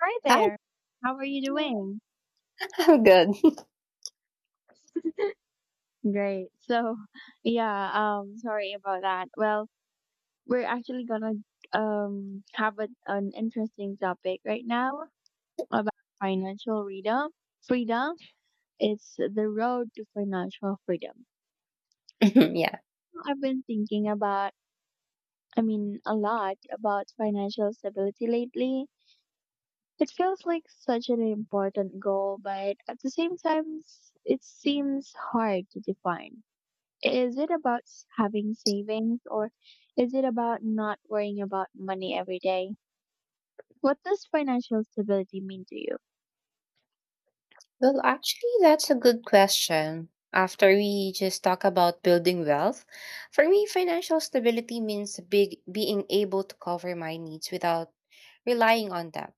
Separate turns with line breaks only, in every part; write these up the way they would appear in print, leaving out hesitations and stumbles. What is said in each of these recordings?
Hi
Hi,
there. How are you doing?
I'm good.
Great. So, yeah, Sorry about that. Well, we're actually gonna have an interesting topic right now about financial freedom. Freedom, it's the road to financial freedom.
Yeah.
I've been thinking about, I mean, a lot about financial stability lately. It feels like such an important goal, but at the same time, it seems hard to define. Is it about having savings, or is it about not worrying about money every day? What does financial stability mean to you?
Well, actually, that's a good question. After we just talk about building wealth, for me, financial stability means big being able to cover my needs without relying on debt.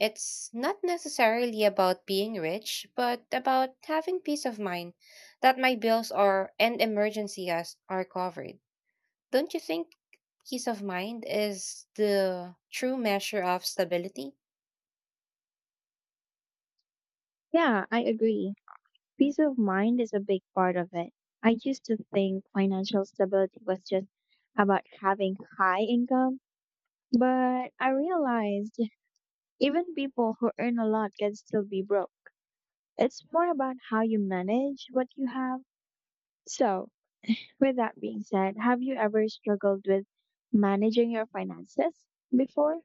It's not necessarily about being rich, but about having peace of mind that my bills are and emergencies are covered. Don't you think peace of mind is the true measure of stability?
Yeah, I agree. Peace of mind is a big part of it. I used to think financial stability was just about having high income, but I realized even people who earn a lot can still be broke. It's more about how you manage what you have. So, With that being said, have you ever struggled with managing your finances before?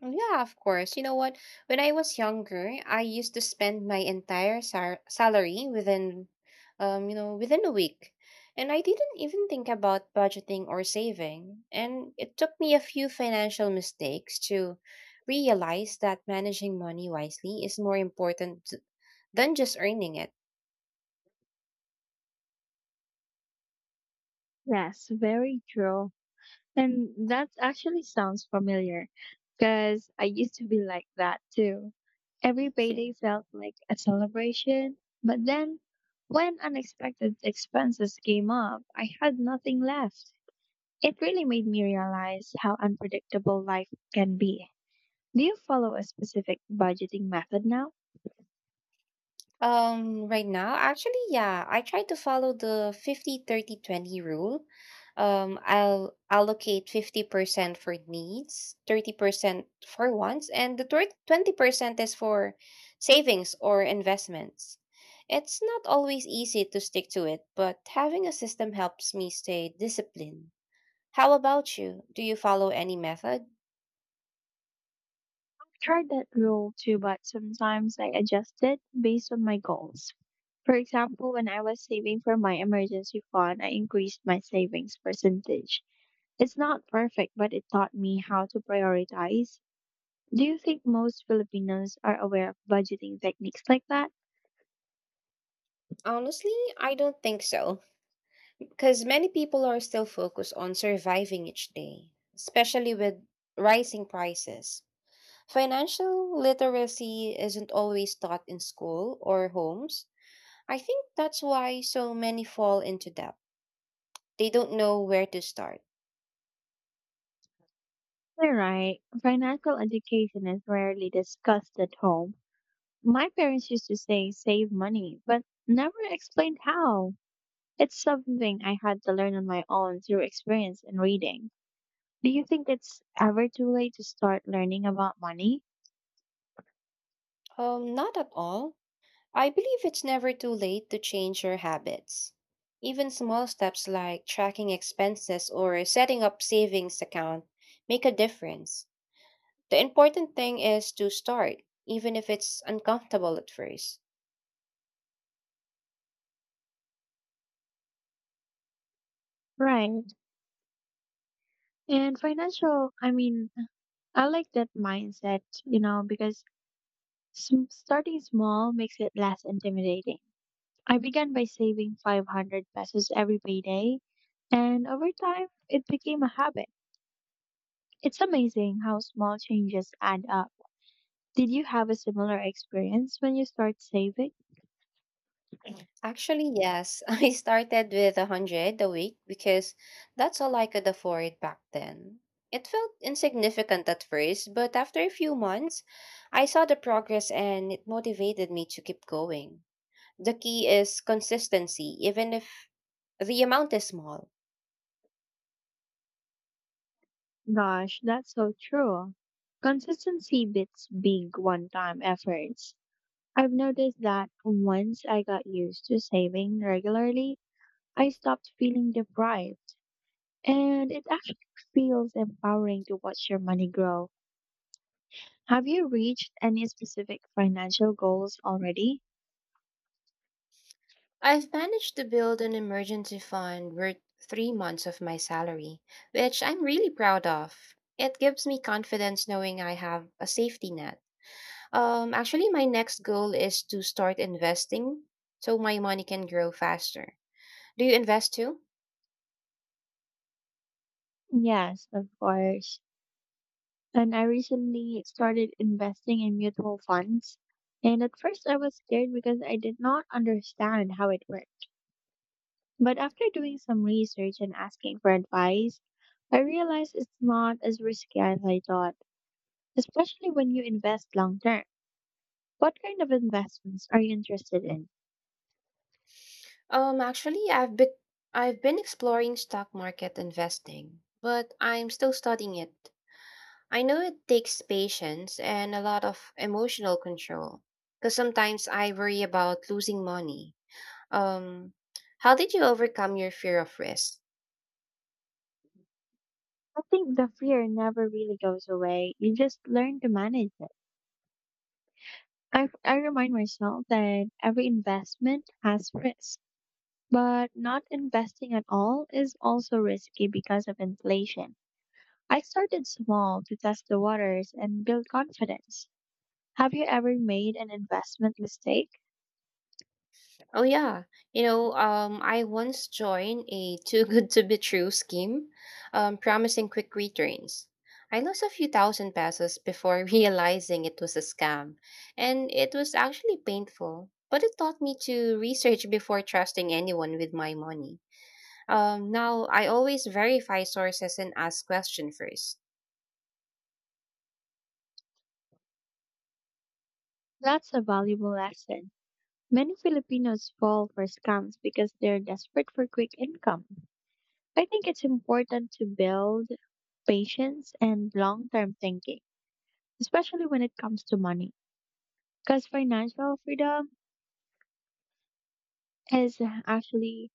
Yeah, of course. You know what? When I was younger, I used to spend my entire salary within a week. And I didn't even think about budgeting or saving. And it took me a few financial mistakes to realize that managing money wisely is more important than just earning it.
Yes, very true. And that actually sounds familiar because I used to be like that too. Every payday felt like a celebration, but then when unexpected expenses came up, I had nothing left. It really made me realize how unpredictable life can be. Do you follow a specific budgeting method now?
Right now, actually, yeah, I try to follow the 50/30/20 rule. I'll allocate 50% for needs, 30% for wants, and the 30 20% is for savings or investments. It's not always easy to stick to it, but having a system helps me stay disciplined. How about you? Do you follow any method?
I've tried that rule too, but sometimes I adjust it based on my goals. For example, when I was saving for my emergency fund, I increased my savings percentage. It's not perfect, but it taught me how to prioritize. Do you think most Filipinos are aware of budgeting techniques like that?
Honestly, I don't think so. Because many people are still focused on surviving each day, especially with rising prices. Financial literacy isn't always taught in school or homes. I think that's why so many fall into debt. They don't know where to start.
You're right. Financial education is rarely discussed at home. My parents used to say save money, but never explained how. It's something I had to learn on my own through experience and reading. Do you think it's ever too late to start learning about money?
Not at all. I believe it's never too late to change your habits. Even small steps like tracking expenses or setting up savings account make a difference. The important thing is to start, even if it's uncomfortable at first.
Right. And financial, I mean, I like that mindset, because starting small makes it less intimidating. I began by saving 500 pesos every payday, and over time, it became a habit. It's amazing how small changes add up. Did you have a similar experience when you start saving?
Actually, yes, I started with a 100 a week because that's all I could afford back then. It felt insignificant at first, but after a few months, I saw the progress and it motivated me to keep going. The key is consistency, even if the amount is small.
Gosh, that's so true. Consistency beats big one time efforts. I've noticed that once I got used to saving regularly, I stopped feeling deprived, and it actually feels empowering to watch your money grow. Have you reached any specific financial goals already?
I've managed to build an emergency fund worth 3 months of my salary, which I'm really proud of. It gives me confidence knowing I have a safety net. Actually, my next goal is to start investing so my money can grow faster. Do you invest too?
Yes, of course. And I recently started investing in mutual funds. And at first, I was scared because I did not understand how it worked. But after doing some research and asking for advice, I realized it's not as risky as I thought, especially when you invest long term. What kind of investments are you interested in?
Actually, I've been exploring stock market investing, but I'm still studying it. I know it takes patience and a lot of emotional control because sometimes I worry about losing money. Um, how did you overcome your fear of risk?
I think the fear never really goes away. You just learn to manage it. I remind myself that every investment has risk, but not investing at all is also risky because of inflation. I started small to test the waters and build confidence. Have you ever made an investment mistake?
Oh yeah, I once joined a too good to be true scheme, promising quick returns. I lost a few thousand pesos before realizing it was a scam, and it was actually painful. But it taught me to research before trusting anyone with my money. Now, I always verify sources and ask question first.
That's a valuable lesson. Many Filipinos fall for scams because they're desperate for quick income. I think it's important to build patience and long term thinking, especially when it comes to money. Because financial freedom is actually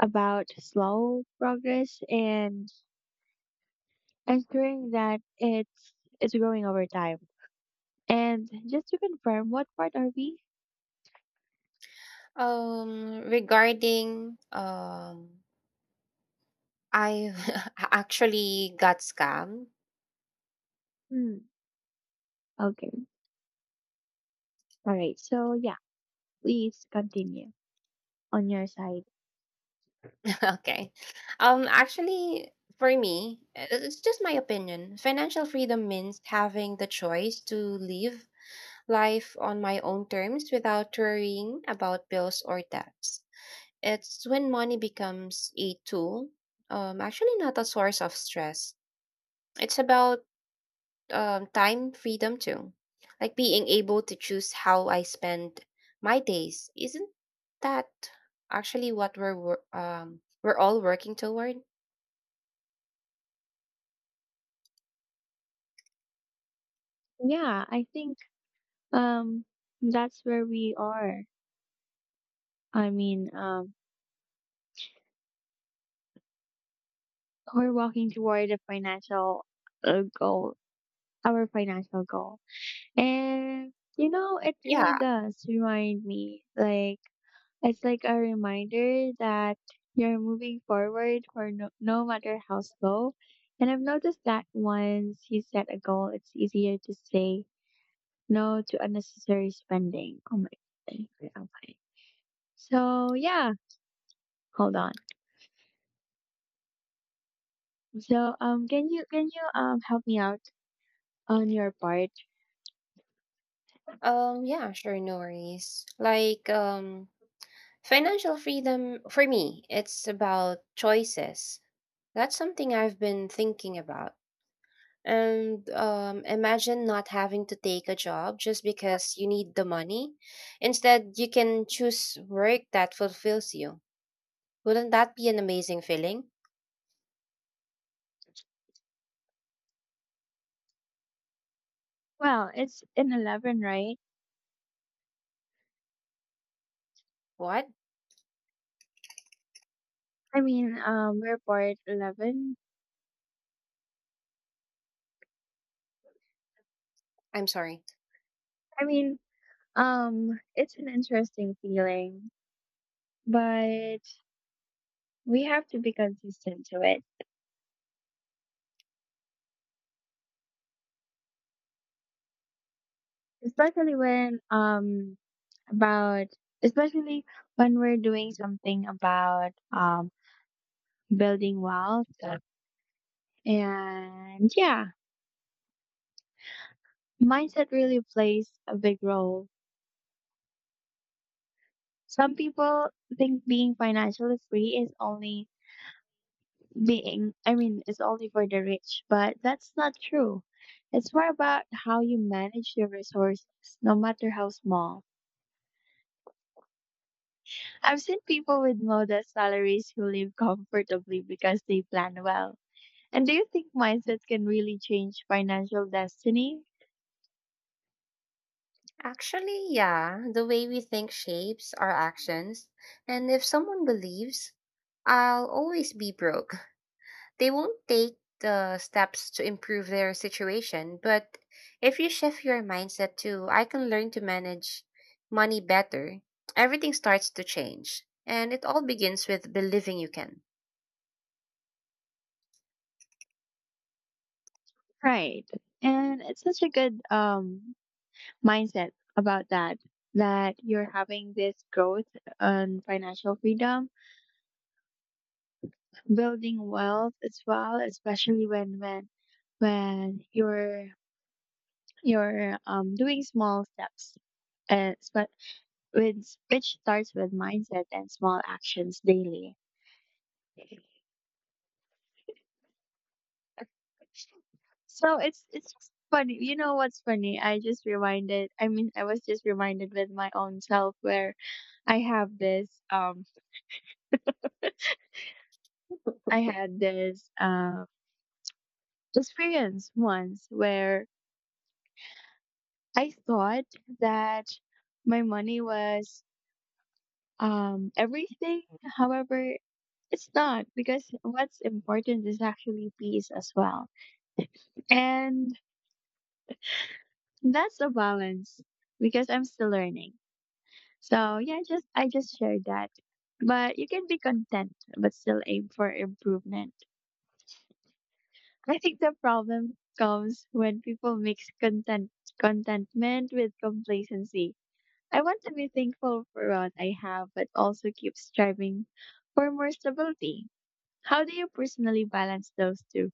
about slow progress and ensuring that it's growing over time. And just to confirm, what part are we?
Regarding I actually got scammed.
Hmm. Okay. All right. So yeah, please continue on your side.
Okay. Actually, for me, it's just my opinion. Financial freedom means having the choice to live life on my own terms without worrying about bills or debts. It's when money becomes a tool, actually not a source of stress. It's about time freedom too. Like being able to choose how I spend my days. Isn't that actually what we're all working toward?
Yeah, I think um that's where we are. I mean, um, we're walking toward a uh, goal, our financial goal, and you know, it really
Yeah.
does remind me, like it's like a reminder that you're moving forward for no matter how slow. And I've noticed that once you set a goal, it's easier to say no to unnecessary spending. Oh my god. Wait, I'm fine. So yeah, hold on. So can you help me out on your part?
Yeah, sure, no worries. Like financial freedom for me, it's about choices. That's something I've been thinking about. And imagine not having to take a job just because you need the money. Instead, you can choose work that fulfills you. Wouldn't that be an amazing feeling?
Well, it's in 11, right?
What?
I mean, we're part 11.
I'm sorry.
I mean, it's an interesting feeling. But we have to be consistent to it, especially when um about especially when we're doing something about building wealth. Yeah, and yeah, mindset really plays a big role. Some people think being financially free is only being I mean it's only for the rich, but that's not true. It's more about how you manage your resources, no matter how small. I've seen people with modest salaries who live comfortably because they plan well. And do you think mindset can really change financial destiny?
Actually, yeah, the way we think shapes our actions. And if someone believes, I'll always be broke. They won't take the steps to improve their situation, but if you shift your mindset to, I can learn to manage money better, everything starts to change. And it all begins with believing you can.
Right. And it's such a good mindset about that you're having this growth on financial freedom, building wealth as well, especially when you're doing small steps. But with which starts with mindset and small actions daily. So it's just funny. You know what's funny? I was just reminded with my own self where I have this I had this experience once where I thought that my money was everything. However, it's not, because what's important is actually peace as well. And that's a balance because I'm still learning. So yeah, just I just shared that. But you can be content but still aim for improvement. I think the problem comes when people mix contentment with complacency. I want to be thankful for what I have but also keep striving for more stability. How do you personally balance those two?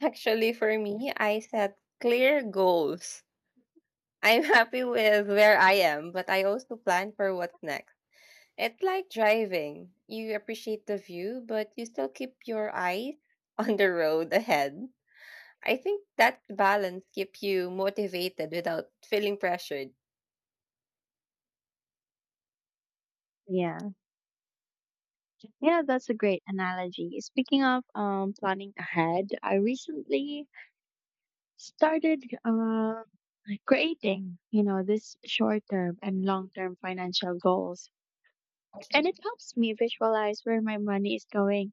Actually, for me, I set clear goals. I'm happy with where I am, but I also plan for what's next. It's like driving. You appreciate the view, but you still keep your eye on the road ahead. I think that balance keeps you motivated without feeling pressured.
Yeah. Yeah, that's a great analogy. Speaking of planning ahead, I recently started creating, you know, this short term and long term financial goals. And it helps me visualize where my money is going.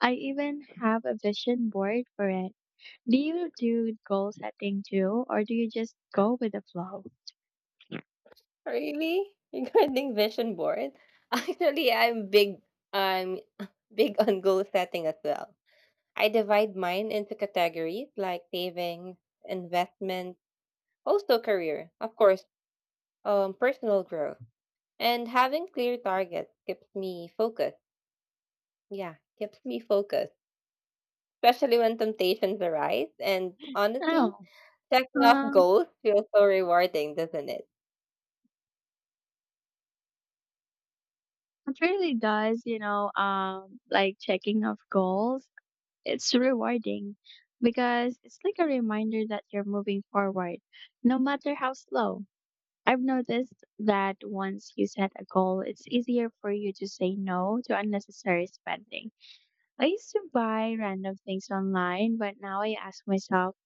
I even have a vision board for it. Do you do goal setting too, or do you just go with the flow?
Really? Regarding vision board? Actually, I'm big on goal setting as well. I divide mine into categories like savings, investment, also career, of course, personal growth. And having clear targets keeps me focused, especially when temptations arise. And honestly,
Oh,
checking off
um,
goals feels so rewarding, doesn't it?
it really does, you know, like checking off goals. It's rewarding because it's like a reminder that you're moving forward, no matter how slow. I've noticed that once you set a goal, it's easier for you to say no to unnecessary spending. I used to buy random things online, but now I ask myself,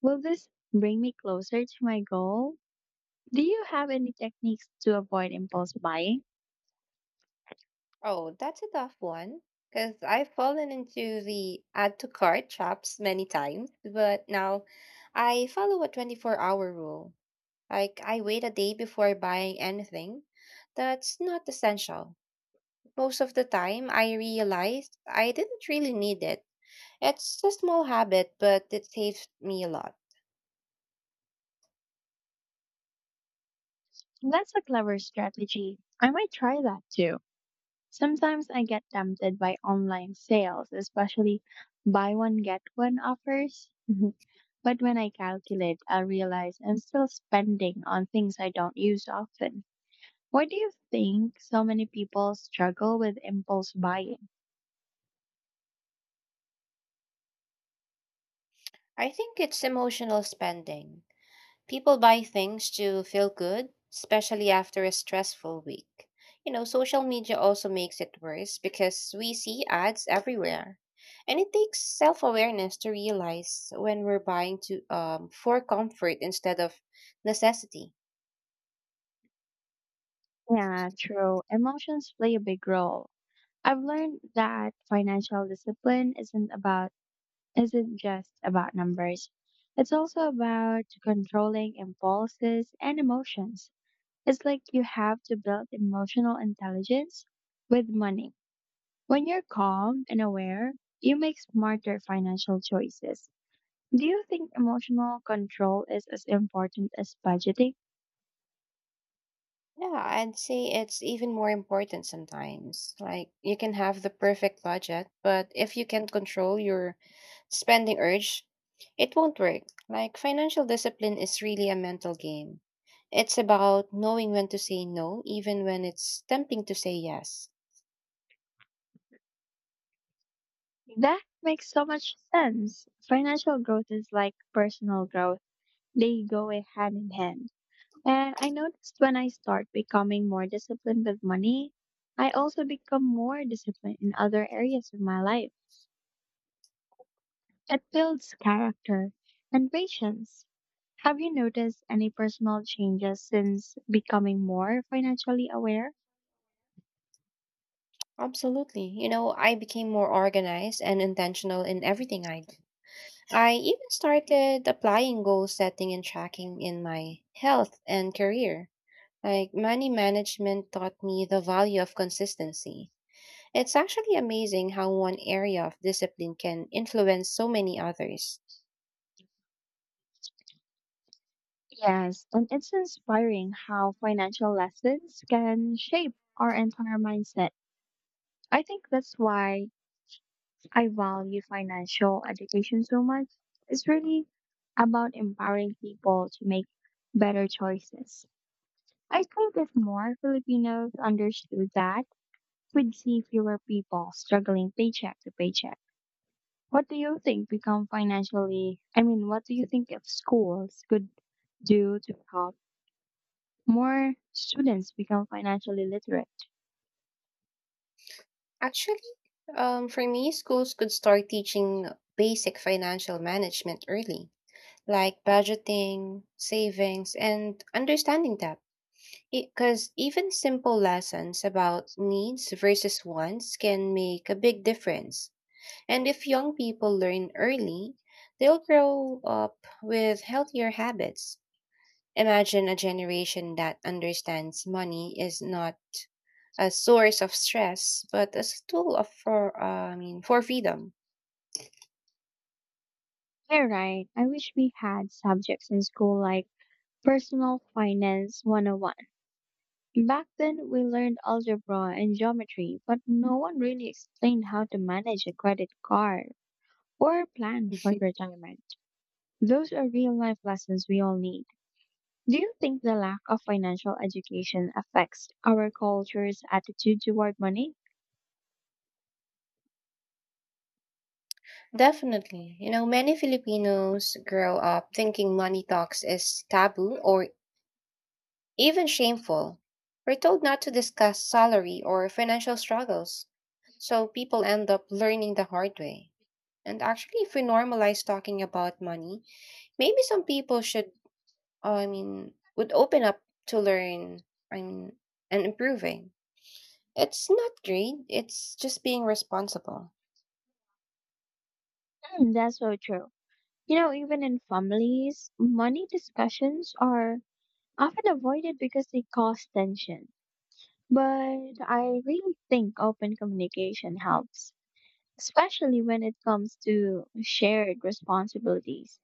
will this bring me closer to my goal? Do you have any techniques to avoid impulse buying?
Oh, that's a tough one. Because I've fallen into the add to cart traps many times, but now I follow a 24-hour rule. Like, I wait a day before buying anything that's not essential. Most of the time, I realized I didn't really need it. It's a small habit, but it saves me a lot.
That's a clever strategy. I might try that too. Sometimes I get tempted by online sales, especially buy one, get one offers. But when I calculate, I realize I'm still spending on things I don't use often. Why do you think so many people struggle with impulse buying?
I think it's emotional spending. People buy things to feel good, especially after a stressful week. Social media also makes it worse because we see ads everywhere. And it takes self awareness to realize when we're buying to for comfort instead of necessity.
Yeah, true. Emotions play a big role. I've learned that financial discipline isn't just about numbers. It's also about controlling impulses and emotions. It's like you have to build emotional intelligence with money. When you're calm and aware, you make smarter financial choices. Do you think emotional control is as important as budgeting?
Yeah, I'd say it's even more important sometimes. Like, you can have the perfect budget, but if you can't control your spending urge, it won't work. Like, financial discipline is really a mental game. It's about knowing when to say no, even when it's tempting to say yes.
That makes so much sense. Financial growth is like personal growth, they go hand in hand. And I noticed when I start becoming more disciplined with money, I also become more disciplined in other areas of my life. It builds character and patience. Have you noticed any personal changes since becoming more financially aware?
Absolutely. I became more organized and intentional in everything I do. I even started applying goal setting and tracking in my health and career. Like money management taught me the value of consistency. It's actually amazing how one area of discipline can influence so many others.
Yes, and it's inspiring how financial lessons can shape our entire mindset. I think that's why I value financial education so much. It's really about empowering people to make better choices. I think if more Filipinos understood that, we'd see fewer people struggling paycheck to paycheck. What do you think if schools could do to help more students become financially literate?
Actually, for me, schools could start teaching basic financial management early, like budgeting, savings, and understanding debt. Because even simple lessons about needs versus wants can make a big difference. And if young people learn early, they'll grow up with healthier habits. Imagine a generation that understands money is not a source of stress, but as a tool of for I mean for freedom.
You're right. I wish we had subjects in school like Personal Finance 101. Back then, we learned algebra and geometry, but no one really explained how to manage a credit card or plan for retirement. Those are real life lessons we all need. Do you think the lack of financial education affects our culture's attitude toward money?
Definitely, many Filipinos grow up thinking money talks is taboo or even shameful. We're told not to discuss salary or financial struggles, so people end up learning the hard way. And actually, if we normalize talking about money, maybe some people should, I mean, would open up to learn, I mean, and improving. It's not greed, it's just being responsible.
Mm, that's so true. You know, even in families, money discussions are often avoided because they cause tension. But I really think open communication helps, especially when it comes to shared responsibilities.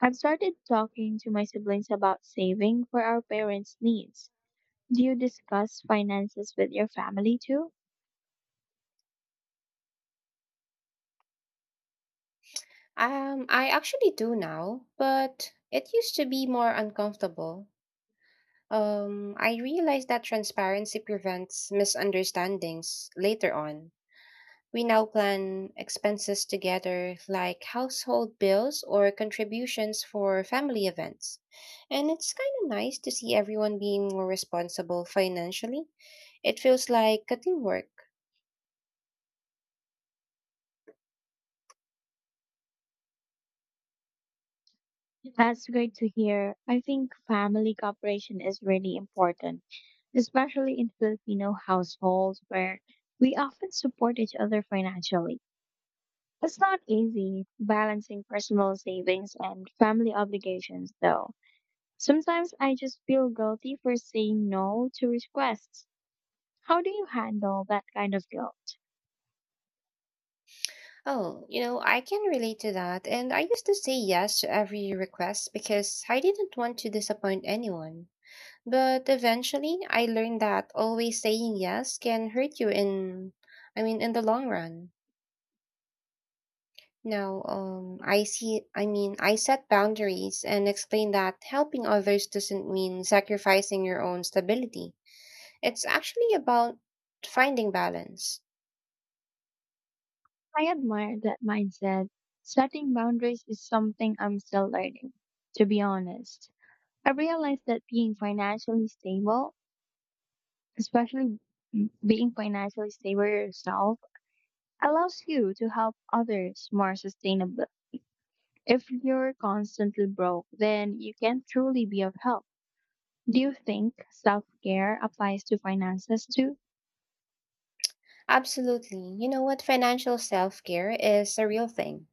I've started talking to my siblings about saving for our parents' needs. Do you discuss finances with your family too?
I actually do now, but it used to be more uncomfortable. I realized that transparency prevents misunderstandings later on. We now plan expenses together, like household bills or contributions for family events. And it's kind of nice to see everyone being more responsible financially. It feels like a teamwork.
That's great to hear. I think family cooperation is really important, especially in Filipino households where we often support each other financially. It's not easy balancing personal savings and family obligations, though. Sometimes I just feel guilty for saying no to requests. How do you handle that kind of guilt?
Oh, I can relate to that. And I used to say yes to every request because I didn't want to disappoint anyone. But eventually, I learned that always saying yes can hurt you I mean, in the long run. Now, I see, I mean, I set boundaries and explain that helping others doesn't mean sacrificing your own stability. It's actually about finding balance.
I admire that mindset. Setting boundaries is something I'm still learning, to be honest. I realized that especially being financially stable yourself allows you to help others more sustainably. If you're constantly broke, then you can't truly be of help. Do you think self care applies to finances too?
Absolutely. You know what? Financial self care is a real thing.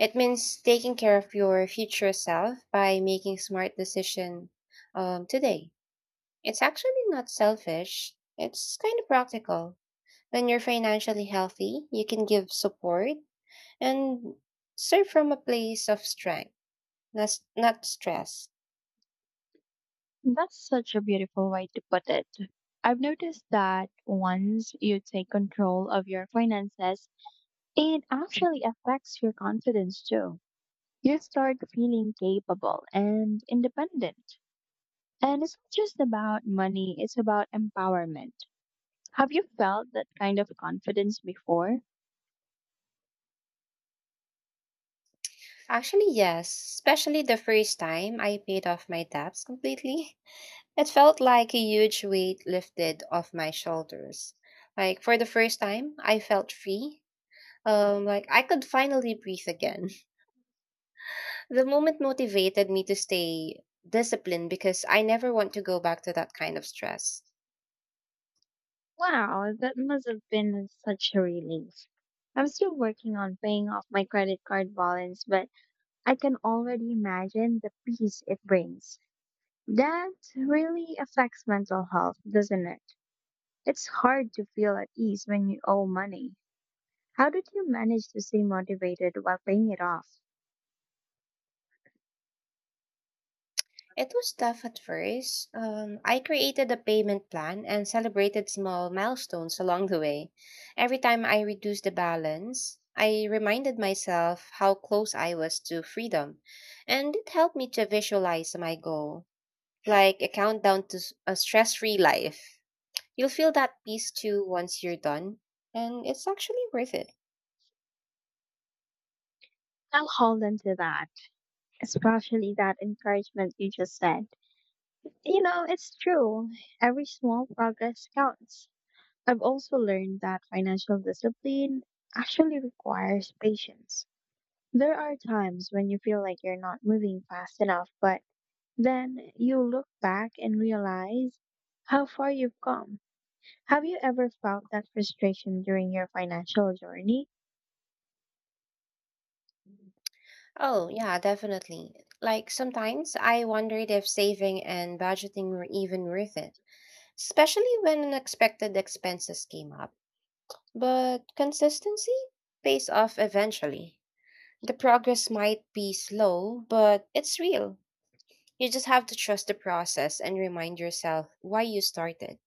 It means taking care of your future self by making smart decision today. It's actually not selfish. It's kind of practical. When you're financially healthy, you can give support and serve from a place of strength, not, not stress.
That's such a beautiful way to put it. I've noticed that once you take control of your finances, it actually affects your confidence too. You start feeling capable and independent. And it's not just about money, it's about empowerment. Have you felt that kind of confidence before?
Actually, yes, especially the first time I paid off my debts completely. It felt like a huge weight lifted off my shoulders. Like for the first time, I felt free. Like I could finally breathe again. The moment motivated me to stay disciplined because I never want to go back to that kind of stress.
Wow, that must have been such a relief. I'm still working on paying off my credit card balance, but I can already imagine the peace it brings. That really affects mental health, doesn't it? It's hard to feel at ease when you owe money. How did you manage to stay motivated while paying it off?
It was tough at first. I created a payment plan and celebrated small milestones along the way. Every time I reduced the balance, I reminded myself how close I was to freedom, and it helped me to visualize my goal, like a countdown to a stress free life. You'll feel that peace too once you're done, and it's actually worth it.
I'll hold on to that, especially that encouragement you just said. You know, it's true. Every small progress counts. I've also learned that financial discipline actually requires patience. There are times when you feel like you're not moving fast enough, but then you look back and realize how far you've come. Have you ever felt that frustration during your financial journey?
Oh, yeah, definitely. Like sometimes I wondered if saving and budgeting were even worth it, especially when unexpected expenses came up. But consistency pays off eventually. The progress might be slow, but it's real. You just have to trust the process and remind yourself why you started.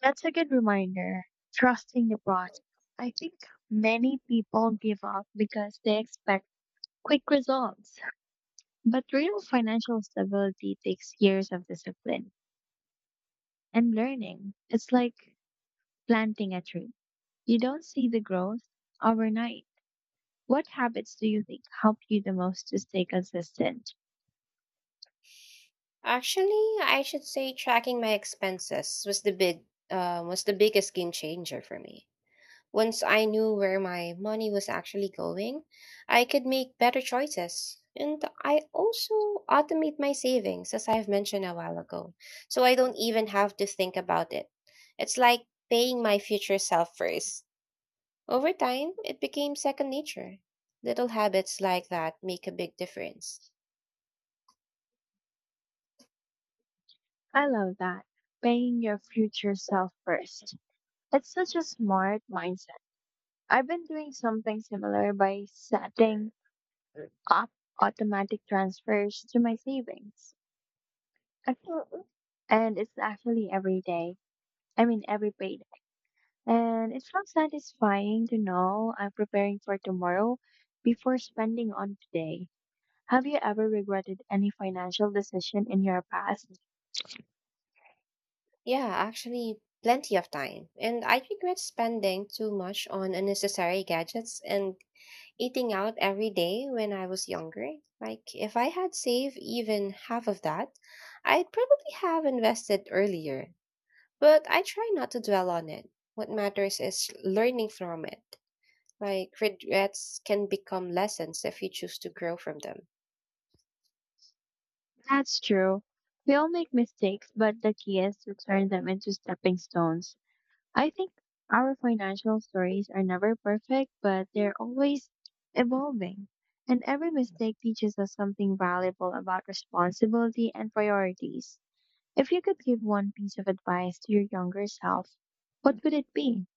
That's a good reminder. Trusting the process. I think many people give up because they expect quick results. But real financial stability takes years of discipline and learning. It's like planting a tree. You don't see the growth overnight. What habits do you think help you the most to stay consistent?
Actually, I should say tracking my expenses was the biggest game changer for me. Once I knew where my money was actually going, I could make better choices. And I also automate my savings, as I've mentioned a while ago, so I don't even have to think about it. It's like paying my future self first. Over time, it became second nature. Little habits like that make a big difference.
I love that. Paying your future self first. It's such a smart mindset. I've been doing something similar by setting up automatic transfers to my savings. I And it's actually every day. I mean, every payday. And it's so satisfying to know I'm preparing for tomorrow before spending on today. Have you ever regretted any financial decision in your past?
Yeah, actually, plenty of time. And I regret spending too much on unnecessary gadgets and eating out every day when I was younger. Like, if I had saved even half of that, I'd probably have invested earlier. But I try not to dwell on it. What matters is learning from it. Like, regrets can become lessons if you choose to grow from them.
That's true. We all make mistakes, but the key is to turn them into stepping stones. I think our financial stories are never perfect, but they're always evolving. And every mistake teaches us something valuable about responsibility and priorities. If you could give one piece of advice to your younger self, what would it be?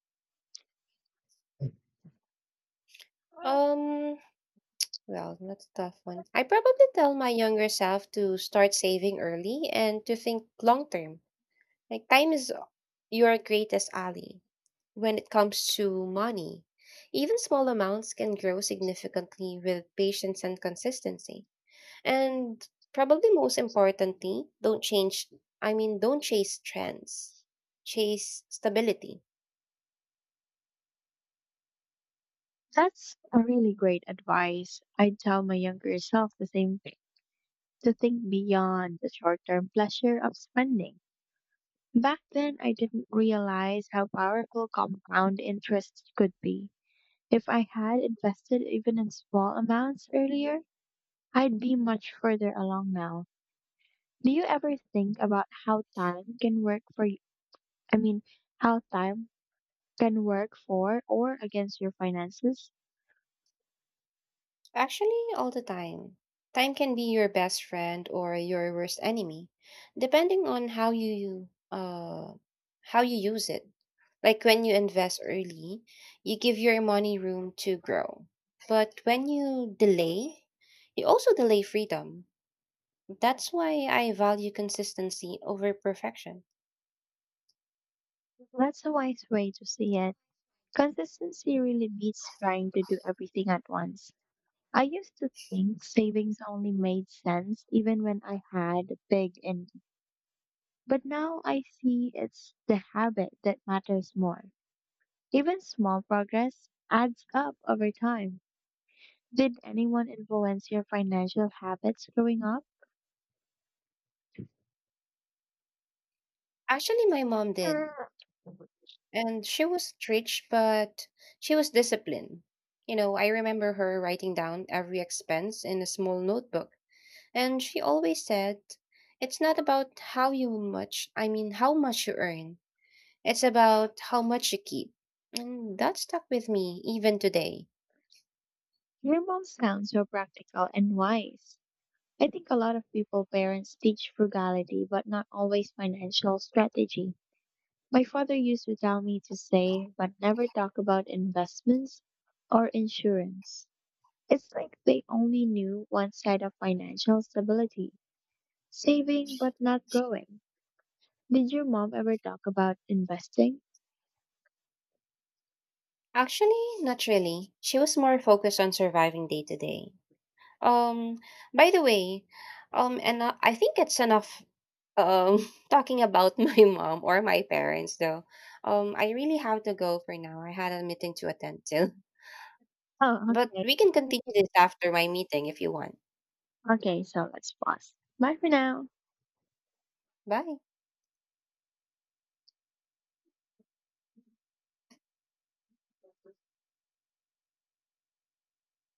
Um, Well, that's a tough one. I probably tell my younger self to start saving early and to think long term. Like time is your greatest ally when it comes to money. Even small amounts can grow significantly with patience and consistency. And probably most importantly, don't change, I mean, don't chase trends, chase stability.
That's a really great advice. I'd tell my younger self the same thing, to think beyond the short term pleasure of spending. Back then, I didn't realize how powerful compound interest could be. If I had invested even in small amounts earlier, I'd be much further along now. Do you ever think about how time can work for you? I mean, how time can work for or against your finances?
Actually, all the time. Time can be your best friend or your worst enemy, depending on how you use it. Like when you invest early, you give your money room to grow. But when you delay, you also delay freedom. That's why I value consistency over perfection.
That's a wise way to see it. Consistency really beats trying to do everything at once. I used to think savings only made sense even when I had big income, but now I see it's the habit that matters more. Even small progress adds up over time. Did anyone influence your financial habits growing up?
Actually, my mom did.
Hmm.
And she was strict, but she was disciplined. I remember her writing down every expense in a small notebook. And she always said, it's not about how you much, I mean, how much you earn. It's about how much you keep. And that stuck with me even today.
Your mom sounds so practical and wise. I think a lot of people parents teach frugality, but not always financial strategy. My father used to tell me to save, but never talk about investments or insurance. It's like they only knew one side of financial stability, saving, but not growing. Did your mom ever talk about investing?
Actually, not really. She was more focused on surviving day to day. Um, by the way, and I think it's enough um talking about my mom or my parents though. I really have to go for now. I had a meeting to attend to.
Oh,
But
okay.
we can continue this after my meeting if you want.
Okay, so let's pause. Bye for now.
Bye.